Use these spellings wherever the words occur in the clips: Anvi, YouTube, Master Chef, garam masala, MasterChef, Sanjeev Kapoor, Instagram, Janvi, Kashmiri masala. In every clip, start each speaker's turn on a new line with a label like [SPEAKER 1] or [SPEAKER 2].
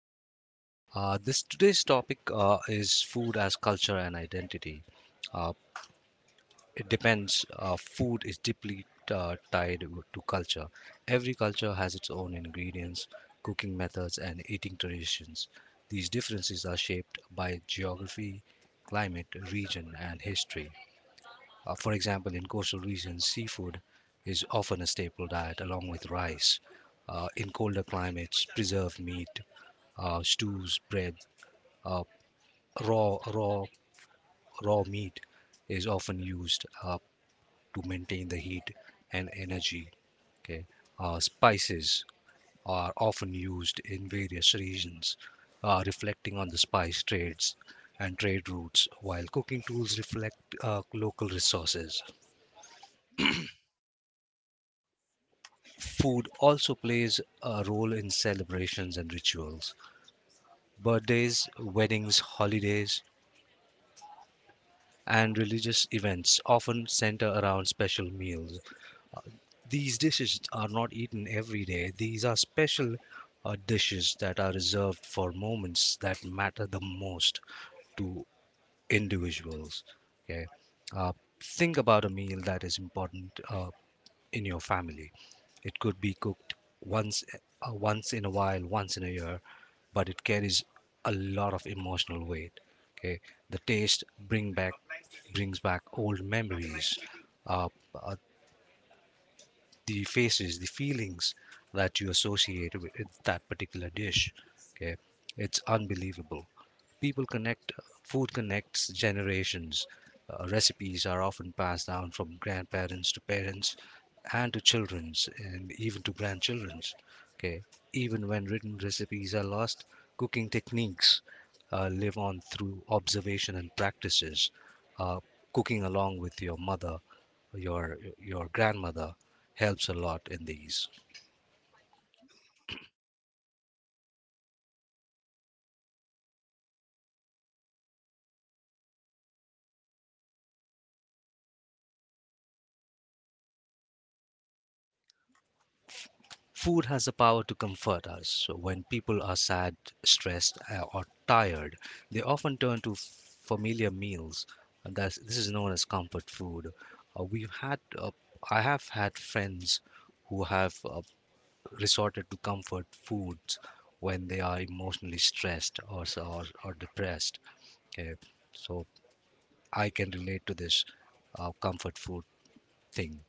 [SPEAKER 1] here. This Today's topic is food as culture and identity. Uh, it depends. Food is deeply tied to culture. Every culture has its own ingredients, cooking methods, and eating traditions. These differences are shaped by geography, climate, region, and history. For example, in coastal regions, seafood is often a staple diet along with rice. In colder climates, preserved meat, stews, bread, uh, raw raw raw meat is often used to maintain the heat and energy. Okay, spices are often used in various regions, reflecting on the spice trades and trade routes, while cooking tools reflect local resources. Food also plays a role in celebrations and rituals. Birthdays, weddings, holidays, and religious events often center around special meals. These dishes are not eaten every day, these are special dishes that are reserved for moments that matter the most to individuals. Okay, uh, think about a meal that is important in your family. It could be cooked once once in a while, once in a year, but it carries a lot of emotional weight. Okay, the taste bring back brings back old memories. Uh, uh, the faces, the feelings that you associate with that particular dish. Okay, it's unbelievable. People connect, food connects generations. Recipes are often passed down from grandparents to parents and to children's and even to grandchildren's. Okay, even when written recipes are lost, cooking techniques live on through observation and practices. Uh, Cooking along with your mother your grandmother helps a lot in these. Food has the power to comfort us. So when people are sad, stressed, or tired, they often turn to familiar meals. This is known as comfort food. Uh, we've had, uh, I have had friends who have resorted to comfort foods when they are emotionally stressed or, depressed. Okay, so I can relate to this comfort food thing.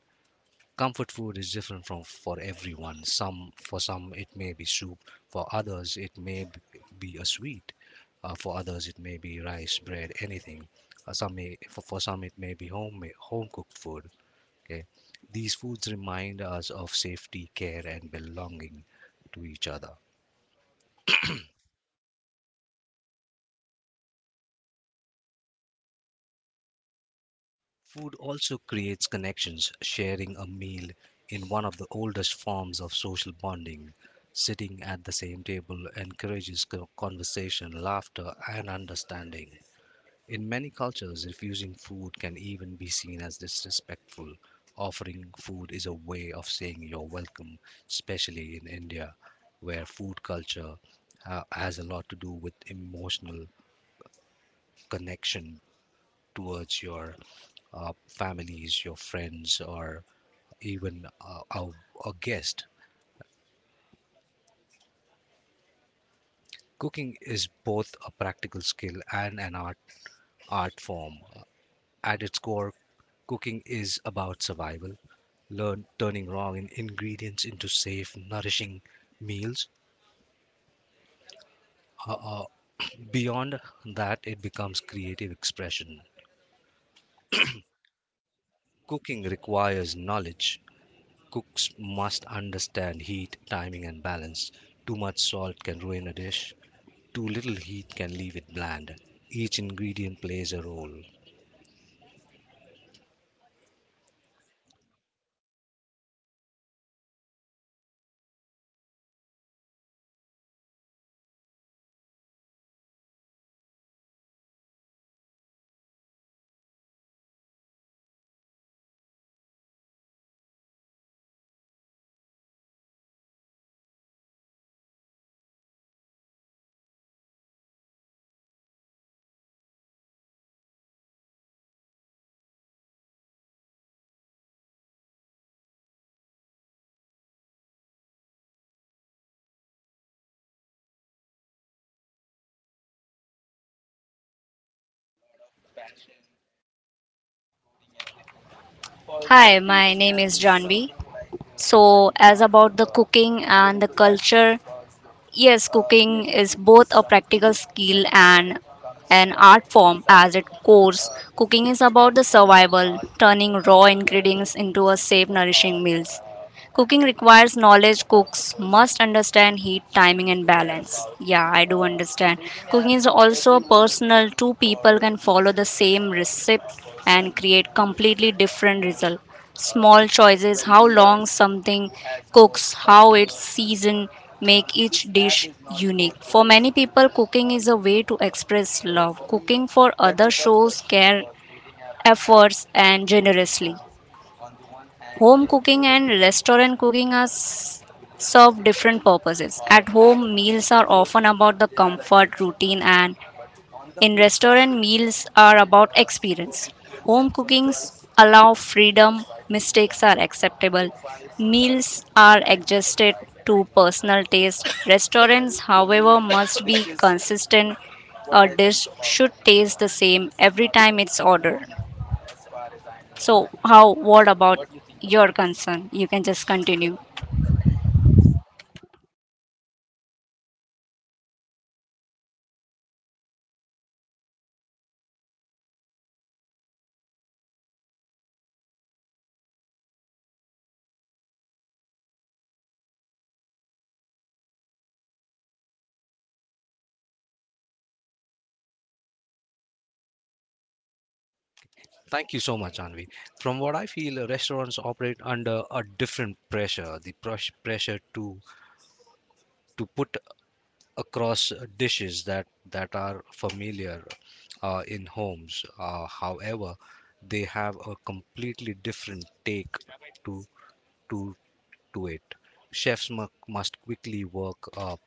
[SPEAKER 1] Comfort food is different from for everyone. Some For some it may be soup, for others it may be a sweet, for others it may be rice, bread, anything. Some may, for some it may be home cooked food. Okay, these foods remind us of safety, care, and belonging to each other. Food also creates connections. Sharing a meal in one of the oldest forms of social bonding, sitting at the same table encourages conversation, laughter, and understanding. In many cultures, refusing food can even be seen as disrespectful. Offering food is a way of saying you're welcome, especially in India, where food culture has a lot to do with emotional connection towards your families, your friends, or even a guest. Cooking is both a practical skill and an art form. At its core, cooking is about survival. Learn Turning raw in ingredients into safe, nourishing meals. Uh, uh, Beyond that, it becomes creative expression. Cooking requires knowledge. Cooks must understand heat, timing, and balance. Too much salt can ruin a dish, too little heat can leave it bland. Each ingredient plays a role.
[SPEAKER 2] Hi, my name is Janvi. So, as about the cooking and the culture, yes, cooking is both a practical skill and an art form as it course. Cooking is about the survival, turning raw ingredients into a safe nourishing meals. Cooking requires knowledge. Cooks must understand heat, timing, and balance. Yeah, I do understand. Cooking is also personal. Two people can follow the same recipe and create completely different result. Small choices, how long something cooks, how it's seasoned, make each dish unique. For many people, cooking is a way to express love. Cooking for others shows care, efforts, and generously. Home cooking and restaurant cooking are serve different purposes. At home, meals are often about the comfort, routine, and in restaurant, meals are about experience. Home cookings allow freedom, mistakes are acceptable, meals are adjusted to personal taste. Restaurants, however, must be consistent. A dish should taste the same every time it's ordered. So, how? What about your concern? You can just continue.
[SPEAKER 1] Thank you so much, Anvi. From what I feel, restaurants operate under a different pressure, the pressure to put across dishes that are familiar in homes. However, they have a completely different take to to to it. Chefs mu- must quickly work up,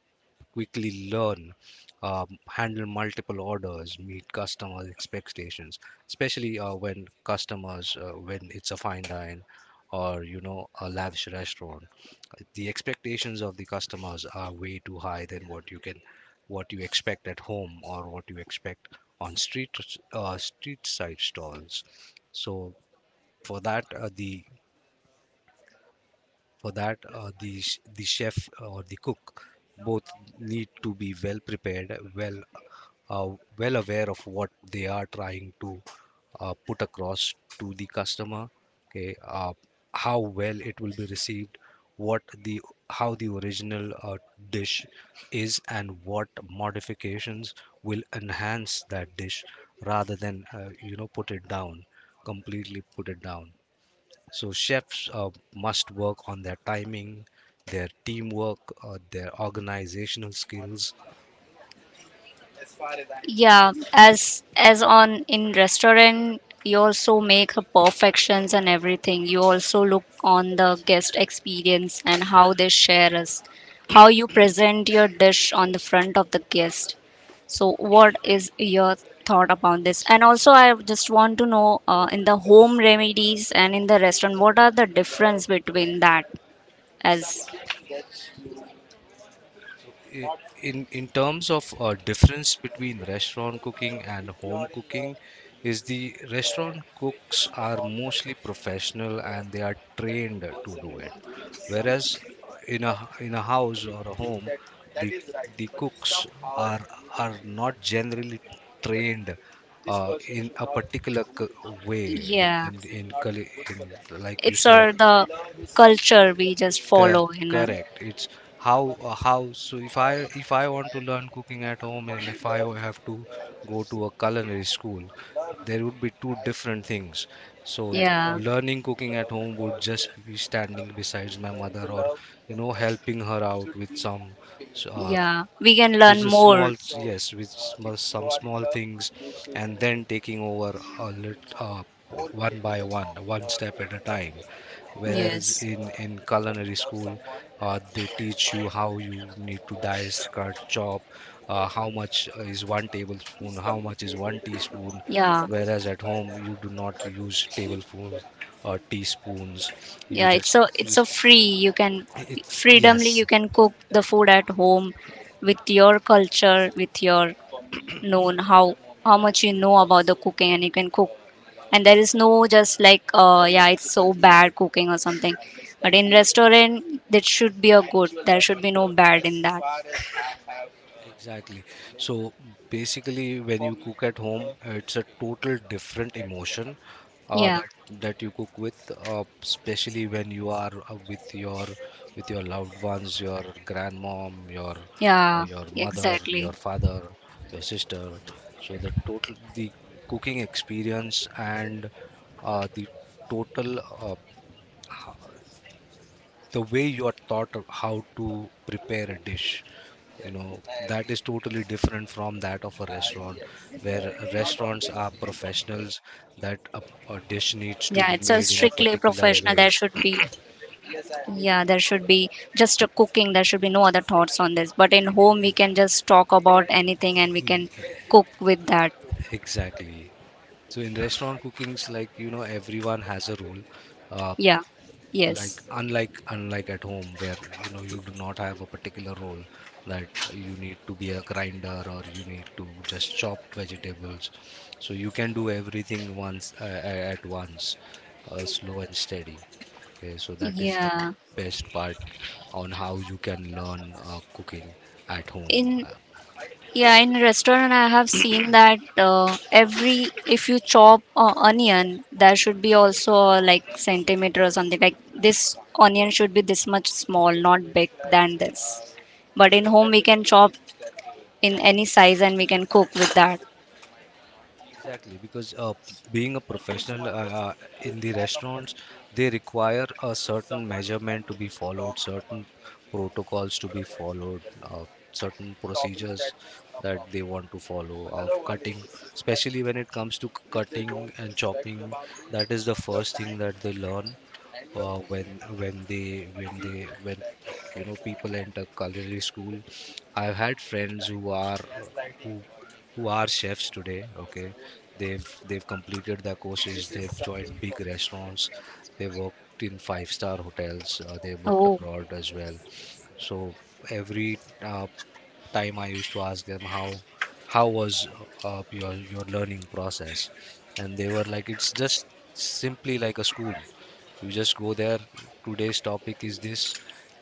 [SPEAKER 1] quickly learn, handle multiple orders, meet customer expectations, especially when it's a fine dine or, you know, a lavish restaurant. The expectations of the customers are way too high than what you expect at home or what you expect on street street side stalls. So for that uh, the for that, the the chef or the cook both need to be well prepared, well uh, well aware of what they are trying to put across to the customer. Okay, how well it will be received, what the how the original dish is, and what modifications will enhance that dish rather than, you know, put it down completely put it down. So chefs must work on their timing, their teamwork, their organizational skills.
[SPEAKER 2] Yeah, as on in restaurant, you also make the perfections and everything. You also look on the guest experience and how they share us, how you present your dish on the front of the guest. So, what is your thought about this? And also, I just want to know in the home remedies and in the restaurant, what are the difference between that as
[SPEAKER 1] So, i- in terms of difference between restaurant cooking and home cooking, is the restaurant cooks are mostly professional and they are trained to do it, whereas uh, in a in a house or a home, the the cooks are are not generally trained uh, in a particular way.
[SPEAKER 2] yeah,
[SPEAKER 1] In, culi- in Like you
[SPEAKER 2] it's
[SPEAKER 1] say.
[SPEAKER 2] our the culture we just
[SPEAKER 1] Cor-
[SPEAKER 2] follow.
[SPEAKER 1] Correct. It's how, so if I want to learn cooking at home and if I have to go to a culinary school, there would be two different things. So
[SPEAKER 2] Yeah,
[SPEAKER 1] learning cooking at home would just be standing beside my mother or, you know, helping her out with some s- uh,
[SPEAKER 2] yeah, we can
[SPEAKER 1] with
[SPEAKER 2] learn
[SPEAKER 1] the
[SPEAKER 2] more.
[SPEAKER 1] small, yes, with small, some small things, and then taking over one by one, one step at a time, whereas
[SPEAKER 2] Yes.
[SPEAKER 1] in culinary school they teach you how you need to dice, cut, chop, how much is one tablespoon, how much is one teaspoon,
[SPEAKER 2] Yeah.
[SPEAKER 1] whereas at home you do not use tablespoons or teaspoons. You
[SPEAKER 2] Yeah, it's so it's so
[SPEAKER 1] just
[SPEAKER 2] free. You can
[SPEAKER 1] it,
[SPEAKER 2] Freedomly
[SPEAKER 1] yes.
[SPEAKER 2] you can cook the food at home with your culture, with your known how much you know about the cooking and you can cook. And there is no just like yeah, it's so bad cooking or something. But in restaurant that should be a good. There should be no bad in that.
[SPEAKER 1] Exactly. So basically, when you cook at home, it's a total different emotion uh,
[SPEAKER 2] Yeah,
[SPEAKER 1] that that you cook with, especially when you are with your loved ones, your grandmom,
[SPEAKER 2] yeah,
[SPEAKER 1] your mother, your
[SPEAKER 2] exactly.
[SPEAKER 1] father, your sister. So the total the cooking experience and, the total, the way you are taught of how to prepare a dish, you know, that is totally different from that of a restaurant, where restaurants are professionals, that a, a
[SPEAKER 2] Yeah, it's
[SPEAKER 1] dish
[SPEAKER 2] a
[SPEAKER 1] needs to
[SPEAKER 2] strictly
[SPEAKER 1] be made in a
[SPEAKER 2] professional. There should
[SPEAKER 1] particular
[SPEAKER 2] be.
[SPEAKER 1] way.
[SPEAKER 2] Yeah, there should be just a cooking. There should be no other thoughts on this. But in home, we can just talk about anything and we can
[SPEAKER 1] E- e,
[SPEAKER 2] cook with that.
[SPEAKER 1] exactly. So in restaurant cookings, like, you know, everyone has a role, uh,
[SPEAKER 2] Yeah, yes,
[SPEAKER 1] unlike at home where, you know, you do not have a particular role that you need to be a grinder or you need to just chop vegetables. So you can do everything at once, slow and steady. Okay, so that is the
[SPEAKER 2] yeah.
[SPEAKER 1] best part on how you can learn cooking at home.
[SPEAKER 2] In Yeah, in restaurant I have seen that every if you chop onion, there should be also like centimeter or something. Like this onion should be this much small, not big than this. But in home we can chop in any size and we can cook with that.
[SPEAKER 1] Exactly, because being a professional uh, in the restaurants, they require a certain measurement to be followed, certain protocols to be followed, certain procedures that they want to follow of cutting, especially when it comes to cutting and chopping. That is the first thing that they learn when they when they when you know, people enter culinary school. I've had friends who are, who who are chefs today. Okay, they've, completed their courses, they've joined big restaurants, they worked in five-star hotels, they worked
[SPEAKER 2] Oh,
[SPEAKER 1] abroad as well. So every uh, time I used to ask them how was your learning process, and they were like, it's just simply like a school. You just go there. Today's topic is this.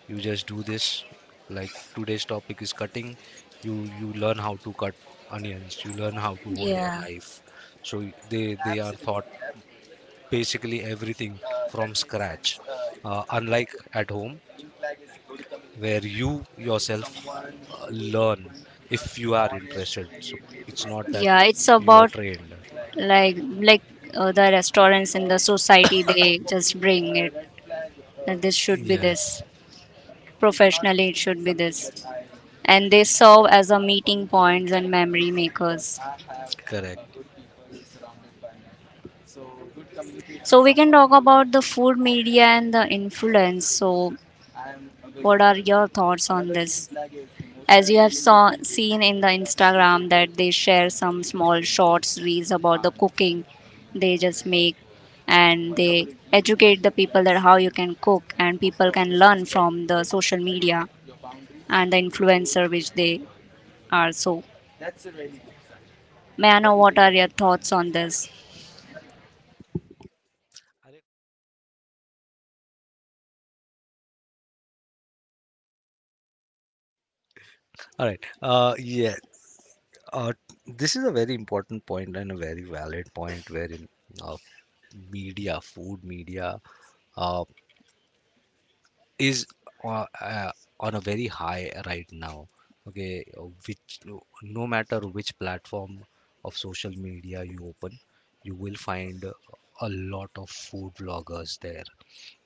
[SPEAKER 1] You just do this. Like today's topic is cutting. You learn how to cut onions. You learn how to hold your
[SPEAKER 2] yeah.
[SPEAKER 1] knife. So they are taught basically everything from scratch. Unlike at home where you yourself learn if you are interested. So it's not that
[SPEAKER 2] Yeah, it's
[SPEAKER 1] you are
[SPEAKER 2] about
[SPEAKER 1] trained.
[SPEAKER 2] like the restaurants in the society they just bring it that this should be this,
[SPEAKER 1] Yes,
[SPEAKER 2] professionally it should be this, and they serve as a meeting points and memory makers.
[SPEAKER 1] correct.
[SPEAKER 2] So we can talk about the food media and the influence. So what are your thoughts on this? As you have seen in the Instagram that they share some small shorts reels about the cooking, they just make and they educate the people that how you can cook, and people can learn from the social media and the influencer which they are. So may I know what are your thoughts on this?
[SPEAKER 1] All right. Yeah. Uh, this is a very important point and a very valid point wherein uh, media, food media, uh, is uh, uh, on a very high right now. Okay, which, no matter which platform of social media you open, you will find a lot of food bloggers there.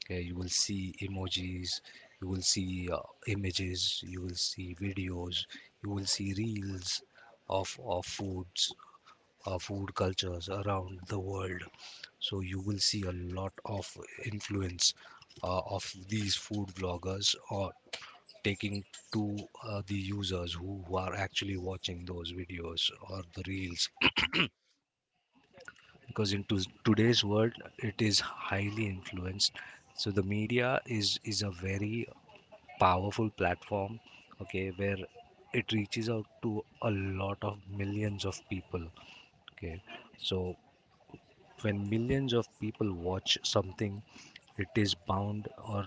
[SPEAKER 1] Okay, you will see emojis, you will see images, you will see videos, you will see reels of foods, food cultures around the world. So you will see a lot of influence of these food vloggers or taking to the users who are actually watching those videos or the reels because in today's world it is highly influenced. So the media is a very powerful platform, okay, where it reaches out to a lot of millions of people. Okay, so when millions of people watch something, it is bound or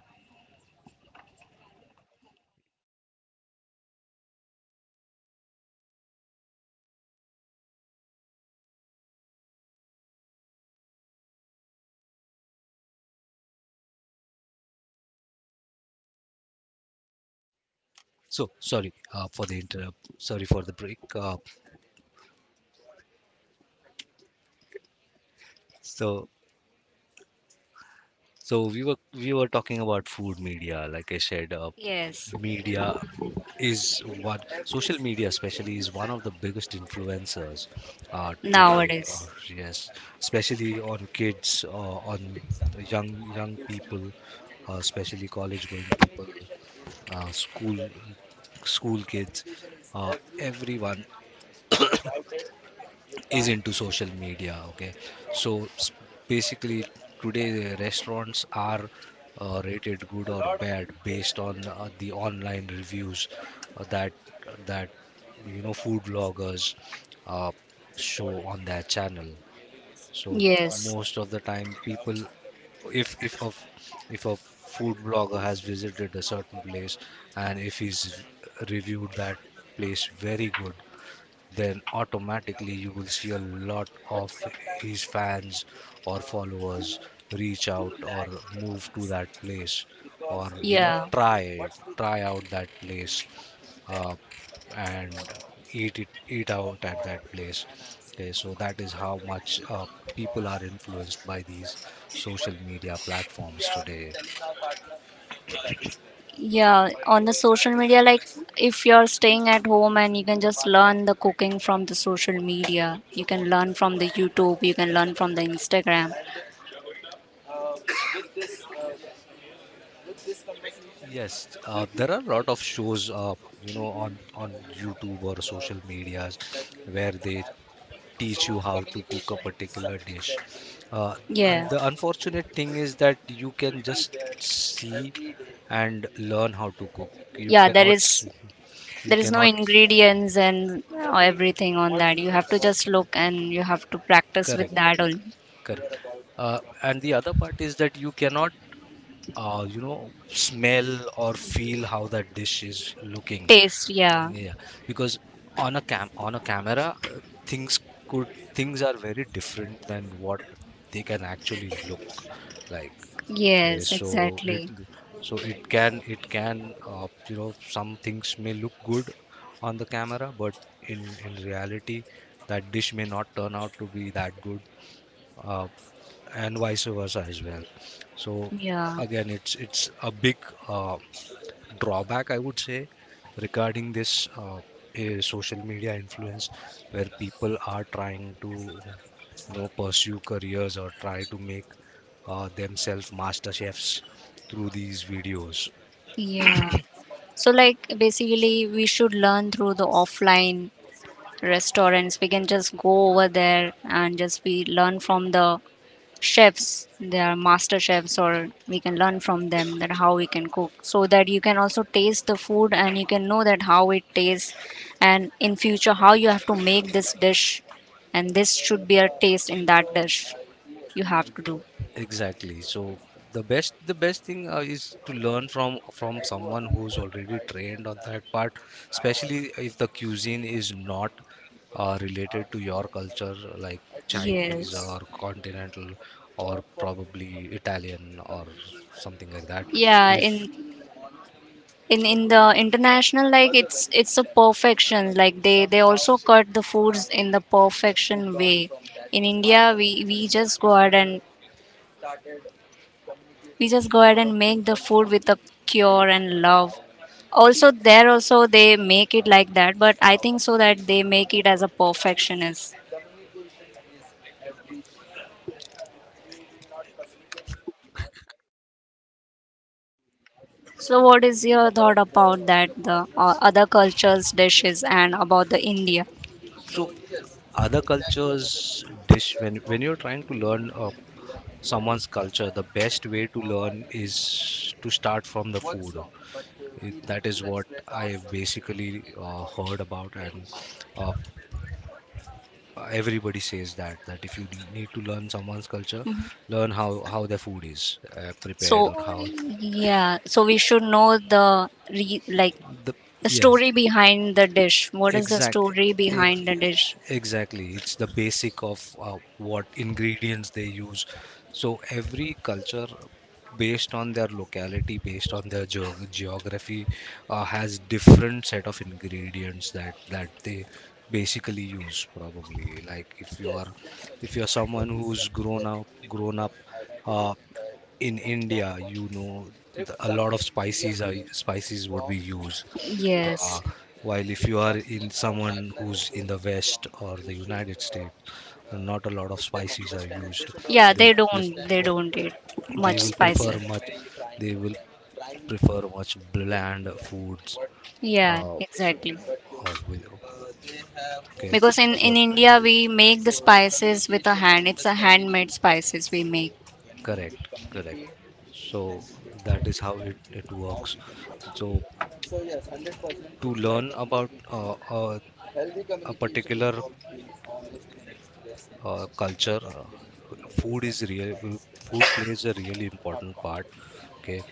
[SPEAKER 1] so. Sorry, for the interrupt, sorry for the break. So we were talking about food media. Like I said,
[SPEAKER 2] Yes,
[SPEAKER 1] media is what, social media especially, is one of the biggest influencers today.
[SPEAKER 2] nowadays.
[SPEAKER 1] Yes, especially on kids, on the young people, especially college going people, uh, school school kids, everyone is into social media. Okay, so s- basically today restaurants are rated good or bad based on the online reviews uh, that that you know food bloggers uh, show on their channel. So
[SPEAKER 2] Yes.
[SPEAKER 1] most of the time, people, if if a if a food blogger has visited a certain place and if he's reviewed that place very good, then automatically you will see a lot of his fans or followers reach
[SPEAKER 2] Two
[SPEAKER 1] out or
[SPEAKER 2] lakh
[SPEAKER 1] move to
[SPEAKER 2] dollars,
[SPEAKER 1] that place, or
[SPEAKER 2] because
[SPEAKER 1] you know,
[SPEAKER 2] yeah. What's the
[SPEAKER 1] try out
[SPEAKER 2] thinking?
[SPEAKER 1] that place,
[SPEAKER 2] We think that
[SPEAKER 1] uh, and eat out at that place. Okay, so that is how much people are influenced by these social media platforms today.
[SPEAKER 2] yeah, by on the social media, like if you're staying at home and you can just learn the cooking from the social media, you can learn from the YouTube, you can learn from the Instagram.
[SPEAKER 1] Yes, there are a lot of shows you know on YouTube or social medias where they teach you how to cook a particular dish. uh, and
[SPEAKER 2] Yeah,
[SPEAKER 1] the unfortunate thing is that you can just see and learn how to cook. you
[SPEAKER 2] yeah, there
[SPEAKER 1] cannot s-
[SPEAKER 2] is
[SPEAKER 1] you
[SPEAKER 2] there is no
[SPEAKER 1] cannot.
[SPEAKER 2] ingredients and everything on that. You have to just look and you have to practice with
[SPEAKER 1] Correct.
[SPEAKER 2] that only.
[SPEAKER 1] Correct. And the other part is that you cannot, you know, smell or feel how that dish is looking.
[SPEAKER 2] Taste, yeah.
[SPEAKER 1] Yeah, because on a cam on a camera, things could things are very different than what they can actually look like. Okay,
[SPEAKER 2] Yes,
[SPEAKER 1] so
[SPEAKER 2] exactly.
[SPEAKER 1] it so it can you know, some things may look good on the camera, but in reality, that dish may not turn out to be that good. Uh, and vice versa as well. So
[SPEAKER 2] Yeah,
[SPEAKER 1] again, it's a big uh, drawback, I would say, regarding this social media influence where people are trying to, you know, pursue careers or try to make themselves master chefs through these videos.
[SPEAKER 2] yeah. So, like, basically, we should learn through the offline restaurants. We can just go over there and just we learn from the chefs. They are master chefs, or we can learn from them that how we can cook, so that you can also taste the food and you can know that how it tastes, and in future how you have to make this dish, and this should be a taste in that dish. You have to
[SPEAKER 1] Ex-
[SPEAKER 2] do.
[SPEAKER 1] Exactly. So the best thing is to learn from someone who's already trained on that part, especially if the cuisine is not related to your culture, like Chinese
[SPEAKER 2] Yes.
[SPEAKER 1] or continental, or probably Italian or something like that.
[SPEAKER 2] Yeah,
[SPEAKER 1] If
[SPEAKER 2] in the international like it's a perfection. Like they also cut the foods in the perfection way. In India, we just go ahead and make the food with a cure and love. Also there also they make it like that, but I think so that they make it as a perfectionist. So what is your thought about that the other cultures dishes and about the India?
[SPEAKER 1] so, other cultures dish, when you're trying to learn someone's culture, the best way to learn is to start from the food. It, that is what I have basically heard about, and uh, everybody says that if need to learn someone's culture,
[SPEAKER 2] Mm-hmm.
[SPEAKER 1] learn how their food is prepared or
[SPEAKER 2] So yeah, so we should know like
[SPEAKER 1] the
[SPEAKER 2] the
[SPEAKER 1] yes.
[SPEAKER 2] story behind the dish. What is the
[SPEAKER 1] Exact,
[SPEAKER 2] story
[SPEAKER 1] ex,
[SPEAKER 2] behind the dish?
[SPEAKER 1] exactly. It's the basic of what ingredients they use. So every culture, based on their locality, based on their geography, has different set of ingredients that they basically use. Probably like if you're someone who's grown up. Uh, in India, you know, the, a lot of spices would be used.
[SPEAKER 2] Yes.
[SPEAKER 1] Uh, while if you are in, someone who's in the West or the United States, not a lot of spices are used.
[SPEAKER 2] Yeah,
[SPEAKER 1] They
[SPEAKER 2] they
[SPEAKER 1] pref
[SPEAKER 2] don't. They don't eat much
[SPEAKER 1] they will prefer
[SPEAKER 2] spices.
[SPEAKER 1] much. They will prefer much bland foods.
[SPEAKER 2] Yeah,
[SPEAKER 1] Uh,
[SPEAKER 2] exactly.
[SPEAKER 1] uh, with, okay,
[SPEAKER 2] Because in
[SPEAKER 1] so
[SPEAKER 2] India we make the spices with a hand. It's a handmade spices we make.
[SPEAKER 1] correct, correct. So that is how it works. So to learn about a particular culture, food is real food plays a really important part. Okay,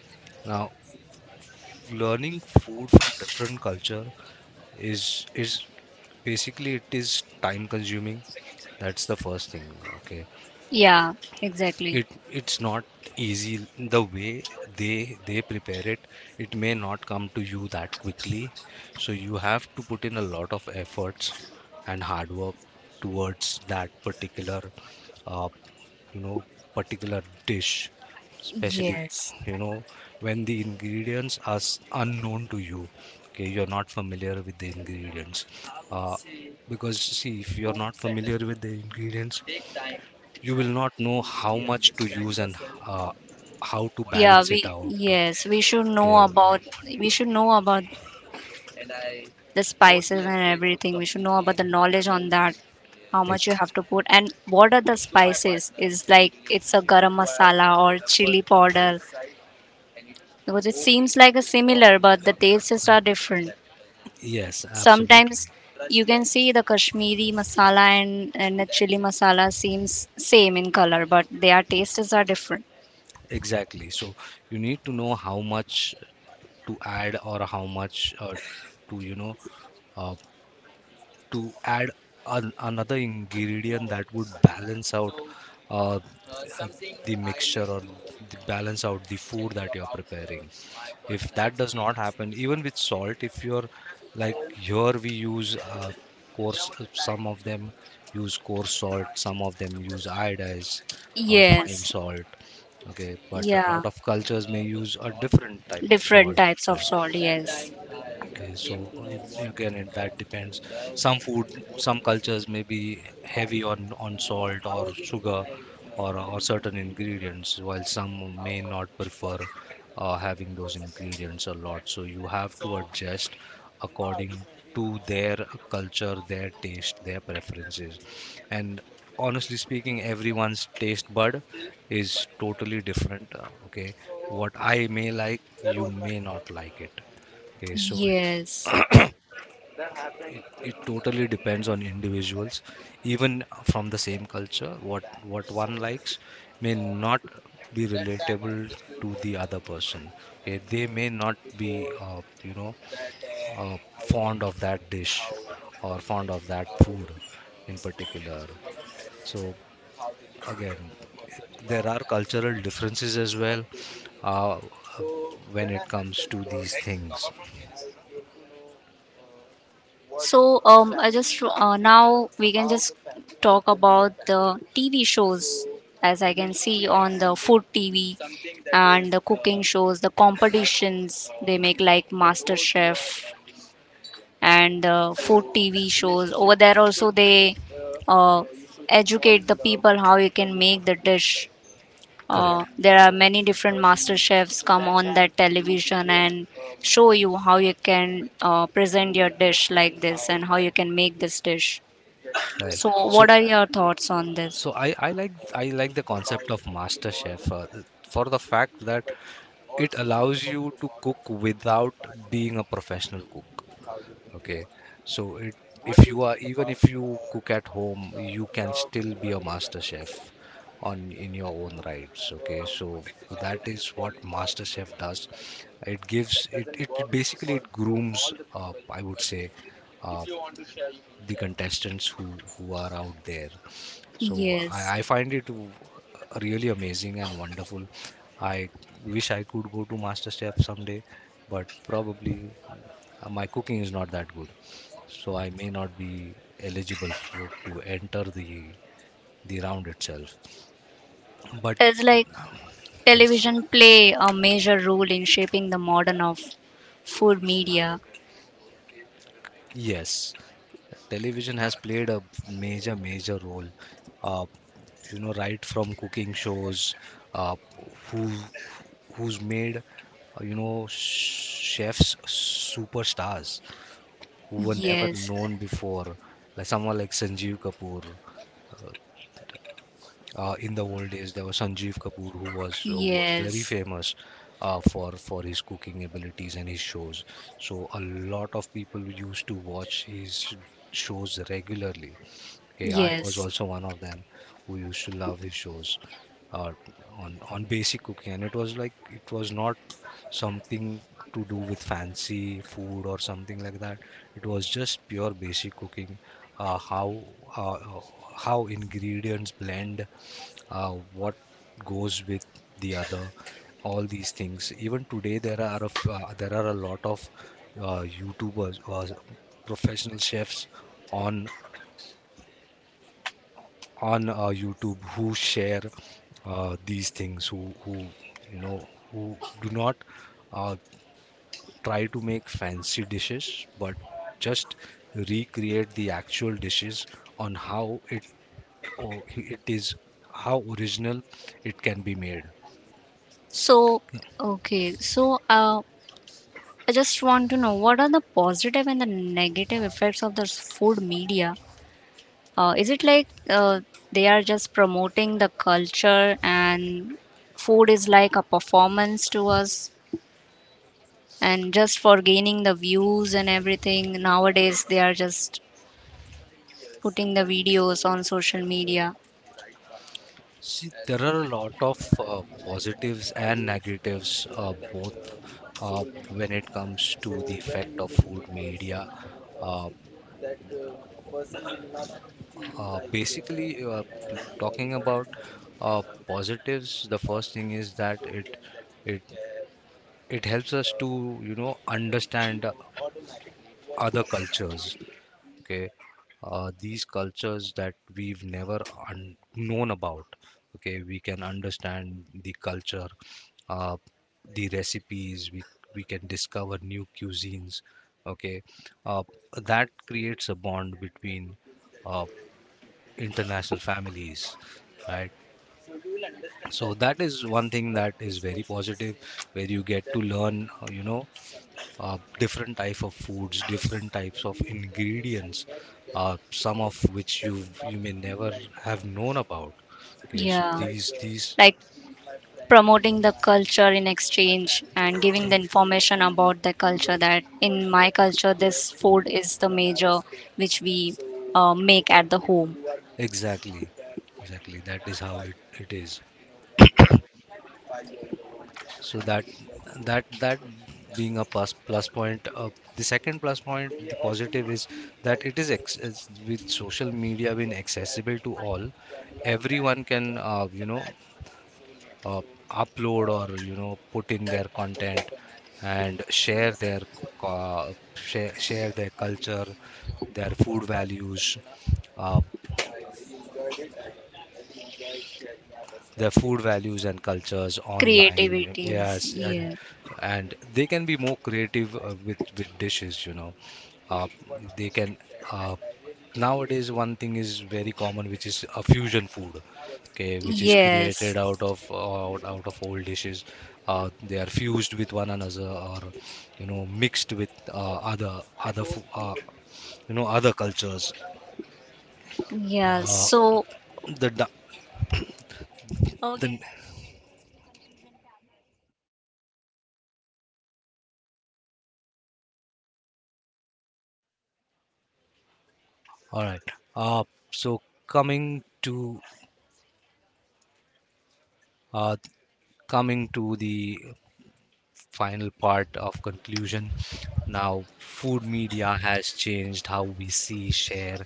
[SPEAKER 1] now learning food from different culture is is basically, it is time consuming. That's the first thing. Okay,
[SPEAKER 2] Yeah, exactly.
[SPEAKER 1] it's not easy the way they prepare it. It may not come to you that quickly, so you have to put in a lot of efforts and hard work towards that particular uh, you know, particular dish, especially,
[SPEAKER 2] Yes.
[SPEAKER 1] you know, when the ingredients are unknown to you. Okay, you're not familiar with the ingredients. uh, because see, if you're not familiar with the ingredients, you will not know how much to use and uh, how to
[SPEAKER 2] Yeah,
[SPEAKER 1] balance it
[SPEAKER 2] we
[SPEAKER 1] out.
[SPEAKER 2] yes, we should know
[SPEAKER 1] Okay.
[SPEAKER 2] about we should know about the spices and everything. We should know about the knowledge on that, how much you
[SPEAKER 1] Ex-
[SPEAKER 2] have to put and what are the spices? Is like it's a garam masala or chili powder because it seems like a similar but the tastes are different.
[SPEAKER 1] yes,
[SPEAKER 2] Sometimes
[SPEAKER 1] absolutely.
[SPEAKER 2] you can see the Kashmiri masala and the chili masala seems same in color but their tastes are different.
[SPEAKER 1] Exactly. So you need to know how much to add, or how much to, you know, uh, to add an, another ingredient that would balance out uh, uh, the mixture or the balance out the food that you're preparing. If that does not happen, even with salt, if you're, like here we use coarse, some of them use coarse salt, some of them use iodized fine
[SPEAKER 2] Yes.
[SPEAKER 1] salt. Okay, but a
[SPEAKER 2] Yeah.
[SPEAKER 1] lot of cultures may use a different type of
[SPEAKER 2] Different
[SPEAKER 1] salt,
[SPEAKER 2] types of
[SPEAKER 1] like,
[SPEAKER 2] salt, yes.
[SPEAKER 1] okay, so again, it that depends. Some food, some cultures may be heavy on salt or sugar, or certain ingredients, while some may not prefer having those ingredients a lot. So you have to adjust according to their culture, their taste, their preferences. And honestly speaking, everyone's taste bud is totally different. Okay, what I may like, you may not like it. Okay, so
[SPEAKER 2] Yes.
[SPEAKER 1] it totally depends on individuals. Even from the same culture, what one likes may not be relatable to the other person. Okay, they may not be you know, fond of that dish or fond of that food in particular. So again, there are cultural differences as well uh, when it comes to these things.
[SPEAKER 2] So I just now we can just talk about the TV shows as I can see on the food TV and the cooking shows, the competitions they make like Master Chef and food TV shows. Over there also they uh, educate the people how you can make the dish.
[SPEAKER 1] Correct.
[SPEAKER 2] There are many different master chefs come on that television and show you how you can present your dish like this and how you can make this dish.
[SPEAKER 1] Right.
[SPEAKER 2] So,
[SPEAKER 1] So
[SPEAKER 2] what are your thoughts on this?
[SPEAKER 1] I like, the concept of MasterChef for the fact that it allows you to cook without being a professional cook. Okay, so it if you are, even if you cook at home, you can still be a master chef on, in your own rights. Okay, so that is what master chef does. It gives it basically it grooms, I would say, uh, the contestants who are out there. So
[SPEAKER 2] Yes,
[SPEAKER 1] I find really amazing and wonderful. I wish I could go to MasterChef someday, but probably my cooking is not that good, so I may not be eligible for to enter the round itself. But
[SPEAKER 2] it's like
[SPEAKER 1] yes,
[SPEAKER 2] television play a major role in shaping the modern of food media.
[SPEAKER 1] yes, television has played a major role uh, you know, right from cooking shows, uh, who who's made, you know, chefs superstars who were never
[SPEAKER 2] Yes,
[SPEAKER 1] known before, like someone like Sanjeev Kapoor. uh, in the old days, there was Sanjeev Kapoor, who was very
[SPEAKER 2] yes,
[SPEAKER 1] famous for his cooking abilities and his shows. So a lot of people used to watch his shows regularly. Okay, I was
[SPEAKER 2] yes.
[SPEAKER 1] also one of them who used to love his shows uh, on basic cooking, and it was like it was not something to do with fancy food or something like that. It was just pure basic cooking, uh, how uh, uh, how ingredients blend, what goes with the other, all these things. Even today, there are there are a lot of YouTubers or professional chefs on YouTube who share these things, who you know, who do not uh, try to make fancy dishes, but just recreate the actual dishes on how it is, how original it can be made.
[SPEAKER 2] So, okay, so I just want to know what are the positive and the negative effects of this food media? Is it like they are just promoting the culture and food is like a performance to us and just for gaining the views and everything? Nowadays, they are just putting the videos on social media.
[SPEAKER 1] See, there are a lot of positives and negatives both uh, when it comes to the effect of food media. Uh, Basically, talking about positives, the first thing is that it it helps us to, you know, understand other cultures. Okay, these cultures that we've never known about. Okay, we can understand the culture, uh, the recipes. We can discover new cuisines. Okay, uh, that creates a bond between uh, international families, right? So that is one thing that is very positive, where you get to learn, you know, different type of foods, different types of ingredients, some of which you may never have known about. Okay, so
[SPEAKER 2] Yeah.
[SPEAKER 1] these
[SPEAKER 2] Like promoting the culture in exchange and giving the
[SPEAKER 1] ex-
[SPEAKER 2] information about the culture that in my culture this food is the major which we make at the home.
[SPEAKER 1] exactly, exactly, that is how it is. So that being a plus point. The second plus point, the positive, is that is with social media being accessible to all. Everyone can, you know, uh, upload or you know, put in their content and share their share their culture, their food values. Uh, their food values and cultures online,
[SPEAKER 2] Creativities.
[SPEAKER 1] yes. and
[SPEAKER 2] Yeah.
[SPEAKER 1] and they can be more creative with dishes, you know, uh, they can, uh, nowadays one thing is very common, which is a fusion food. Okay, which is
[SPEAKER 2] Yes.
[SPEAKER 1] created out of out of old dishes, they are fused with one another, or you know, mixed with other you know, other cultures.
[SPEAKER 2] Yeah.
[SPEAKER 1] Uh,
[SPEAKER 2] So,
[SPEAKER 1] the da-
[SPEAKER 2] okay.
[SPEAKER 1] the All right, so coming to, Uh, coming to the final part of conclusion, now food media has changed how we see, share,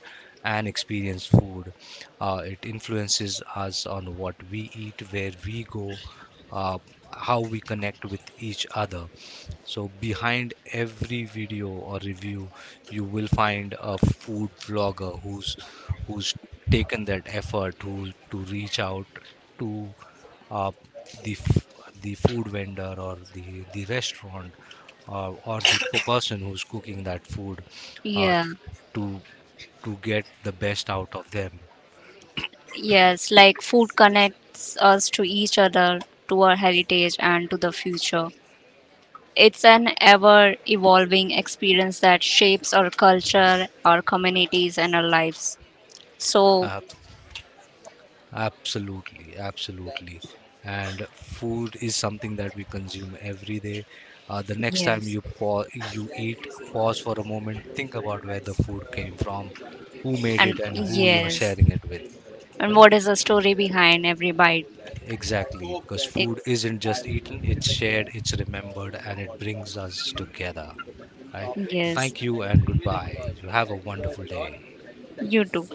[SPEAKER 1] and experience food. It influences us on what we eat, where we go, uh, how we connect with each other. So behind every video or review, you will find a food vlogger who's who's taken that effort to reach out to uh, the f- the food vendor or the restaurant, or the person who's cooking that food, uh,
[SPEAKER 2] Yeah,
[SPEAKER 1] to get the best out of them.
[SPEAKER 2] yes, like food connects us to each other, to our heritage, and to the future. It's an ever evolving experience that shapes our culture, our communities, and our lives. So,
[SPEAKER 1] Uh, Absolutely, absolutely. And food is something that we consume every day. The next time
[SPEAKER 2] yes,
[SPEAKER 1] you eat, pause for a moment, think about where the food came from, who made
[SPEAKER 2] and
[SPEAKER 1] it, and who you are
[SPEAKER 2] yes,
[SPEAKER 1] sharing it with. Uh,
[SPEAKER 2] and what is the story behind every bite?
[SPEAKER 1] Exactly, because
[SPEAKER 2] It,
[SPEAKER 1] food isn't just eaten, it's shared, it's remembered, and it brings us together. Right?
[SPEAKER 2] yes,
[SPEAKER 1] Thank you and goodbye. You have a wonderful day.
[SPEAKER 2] you too.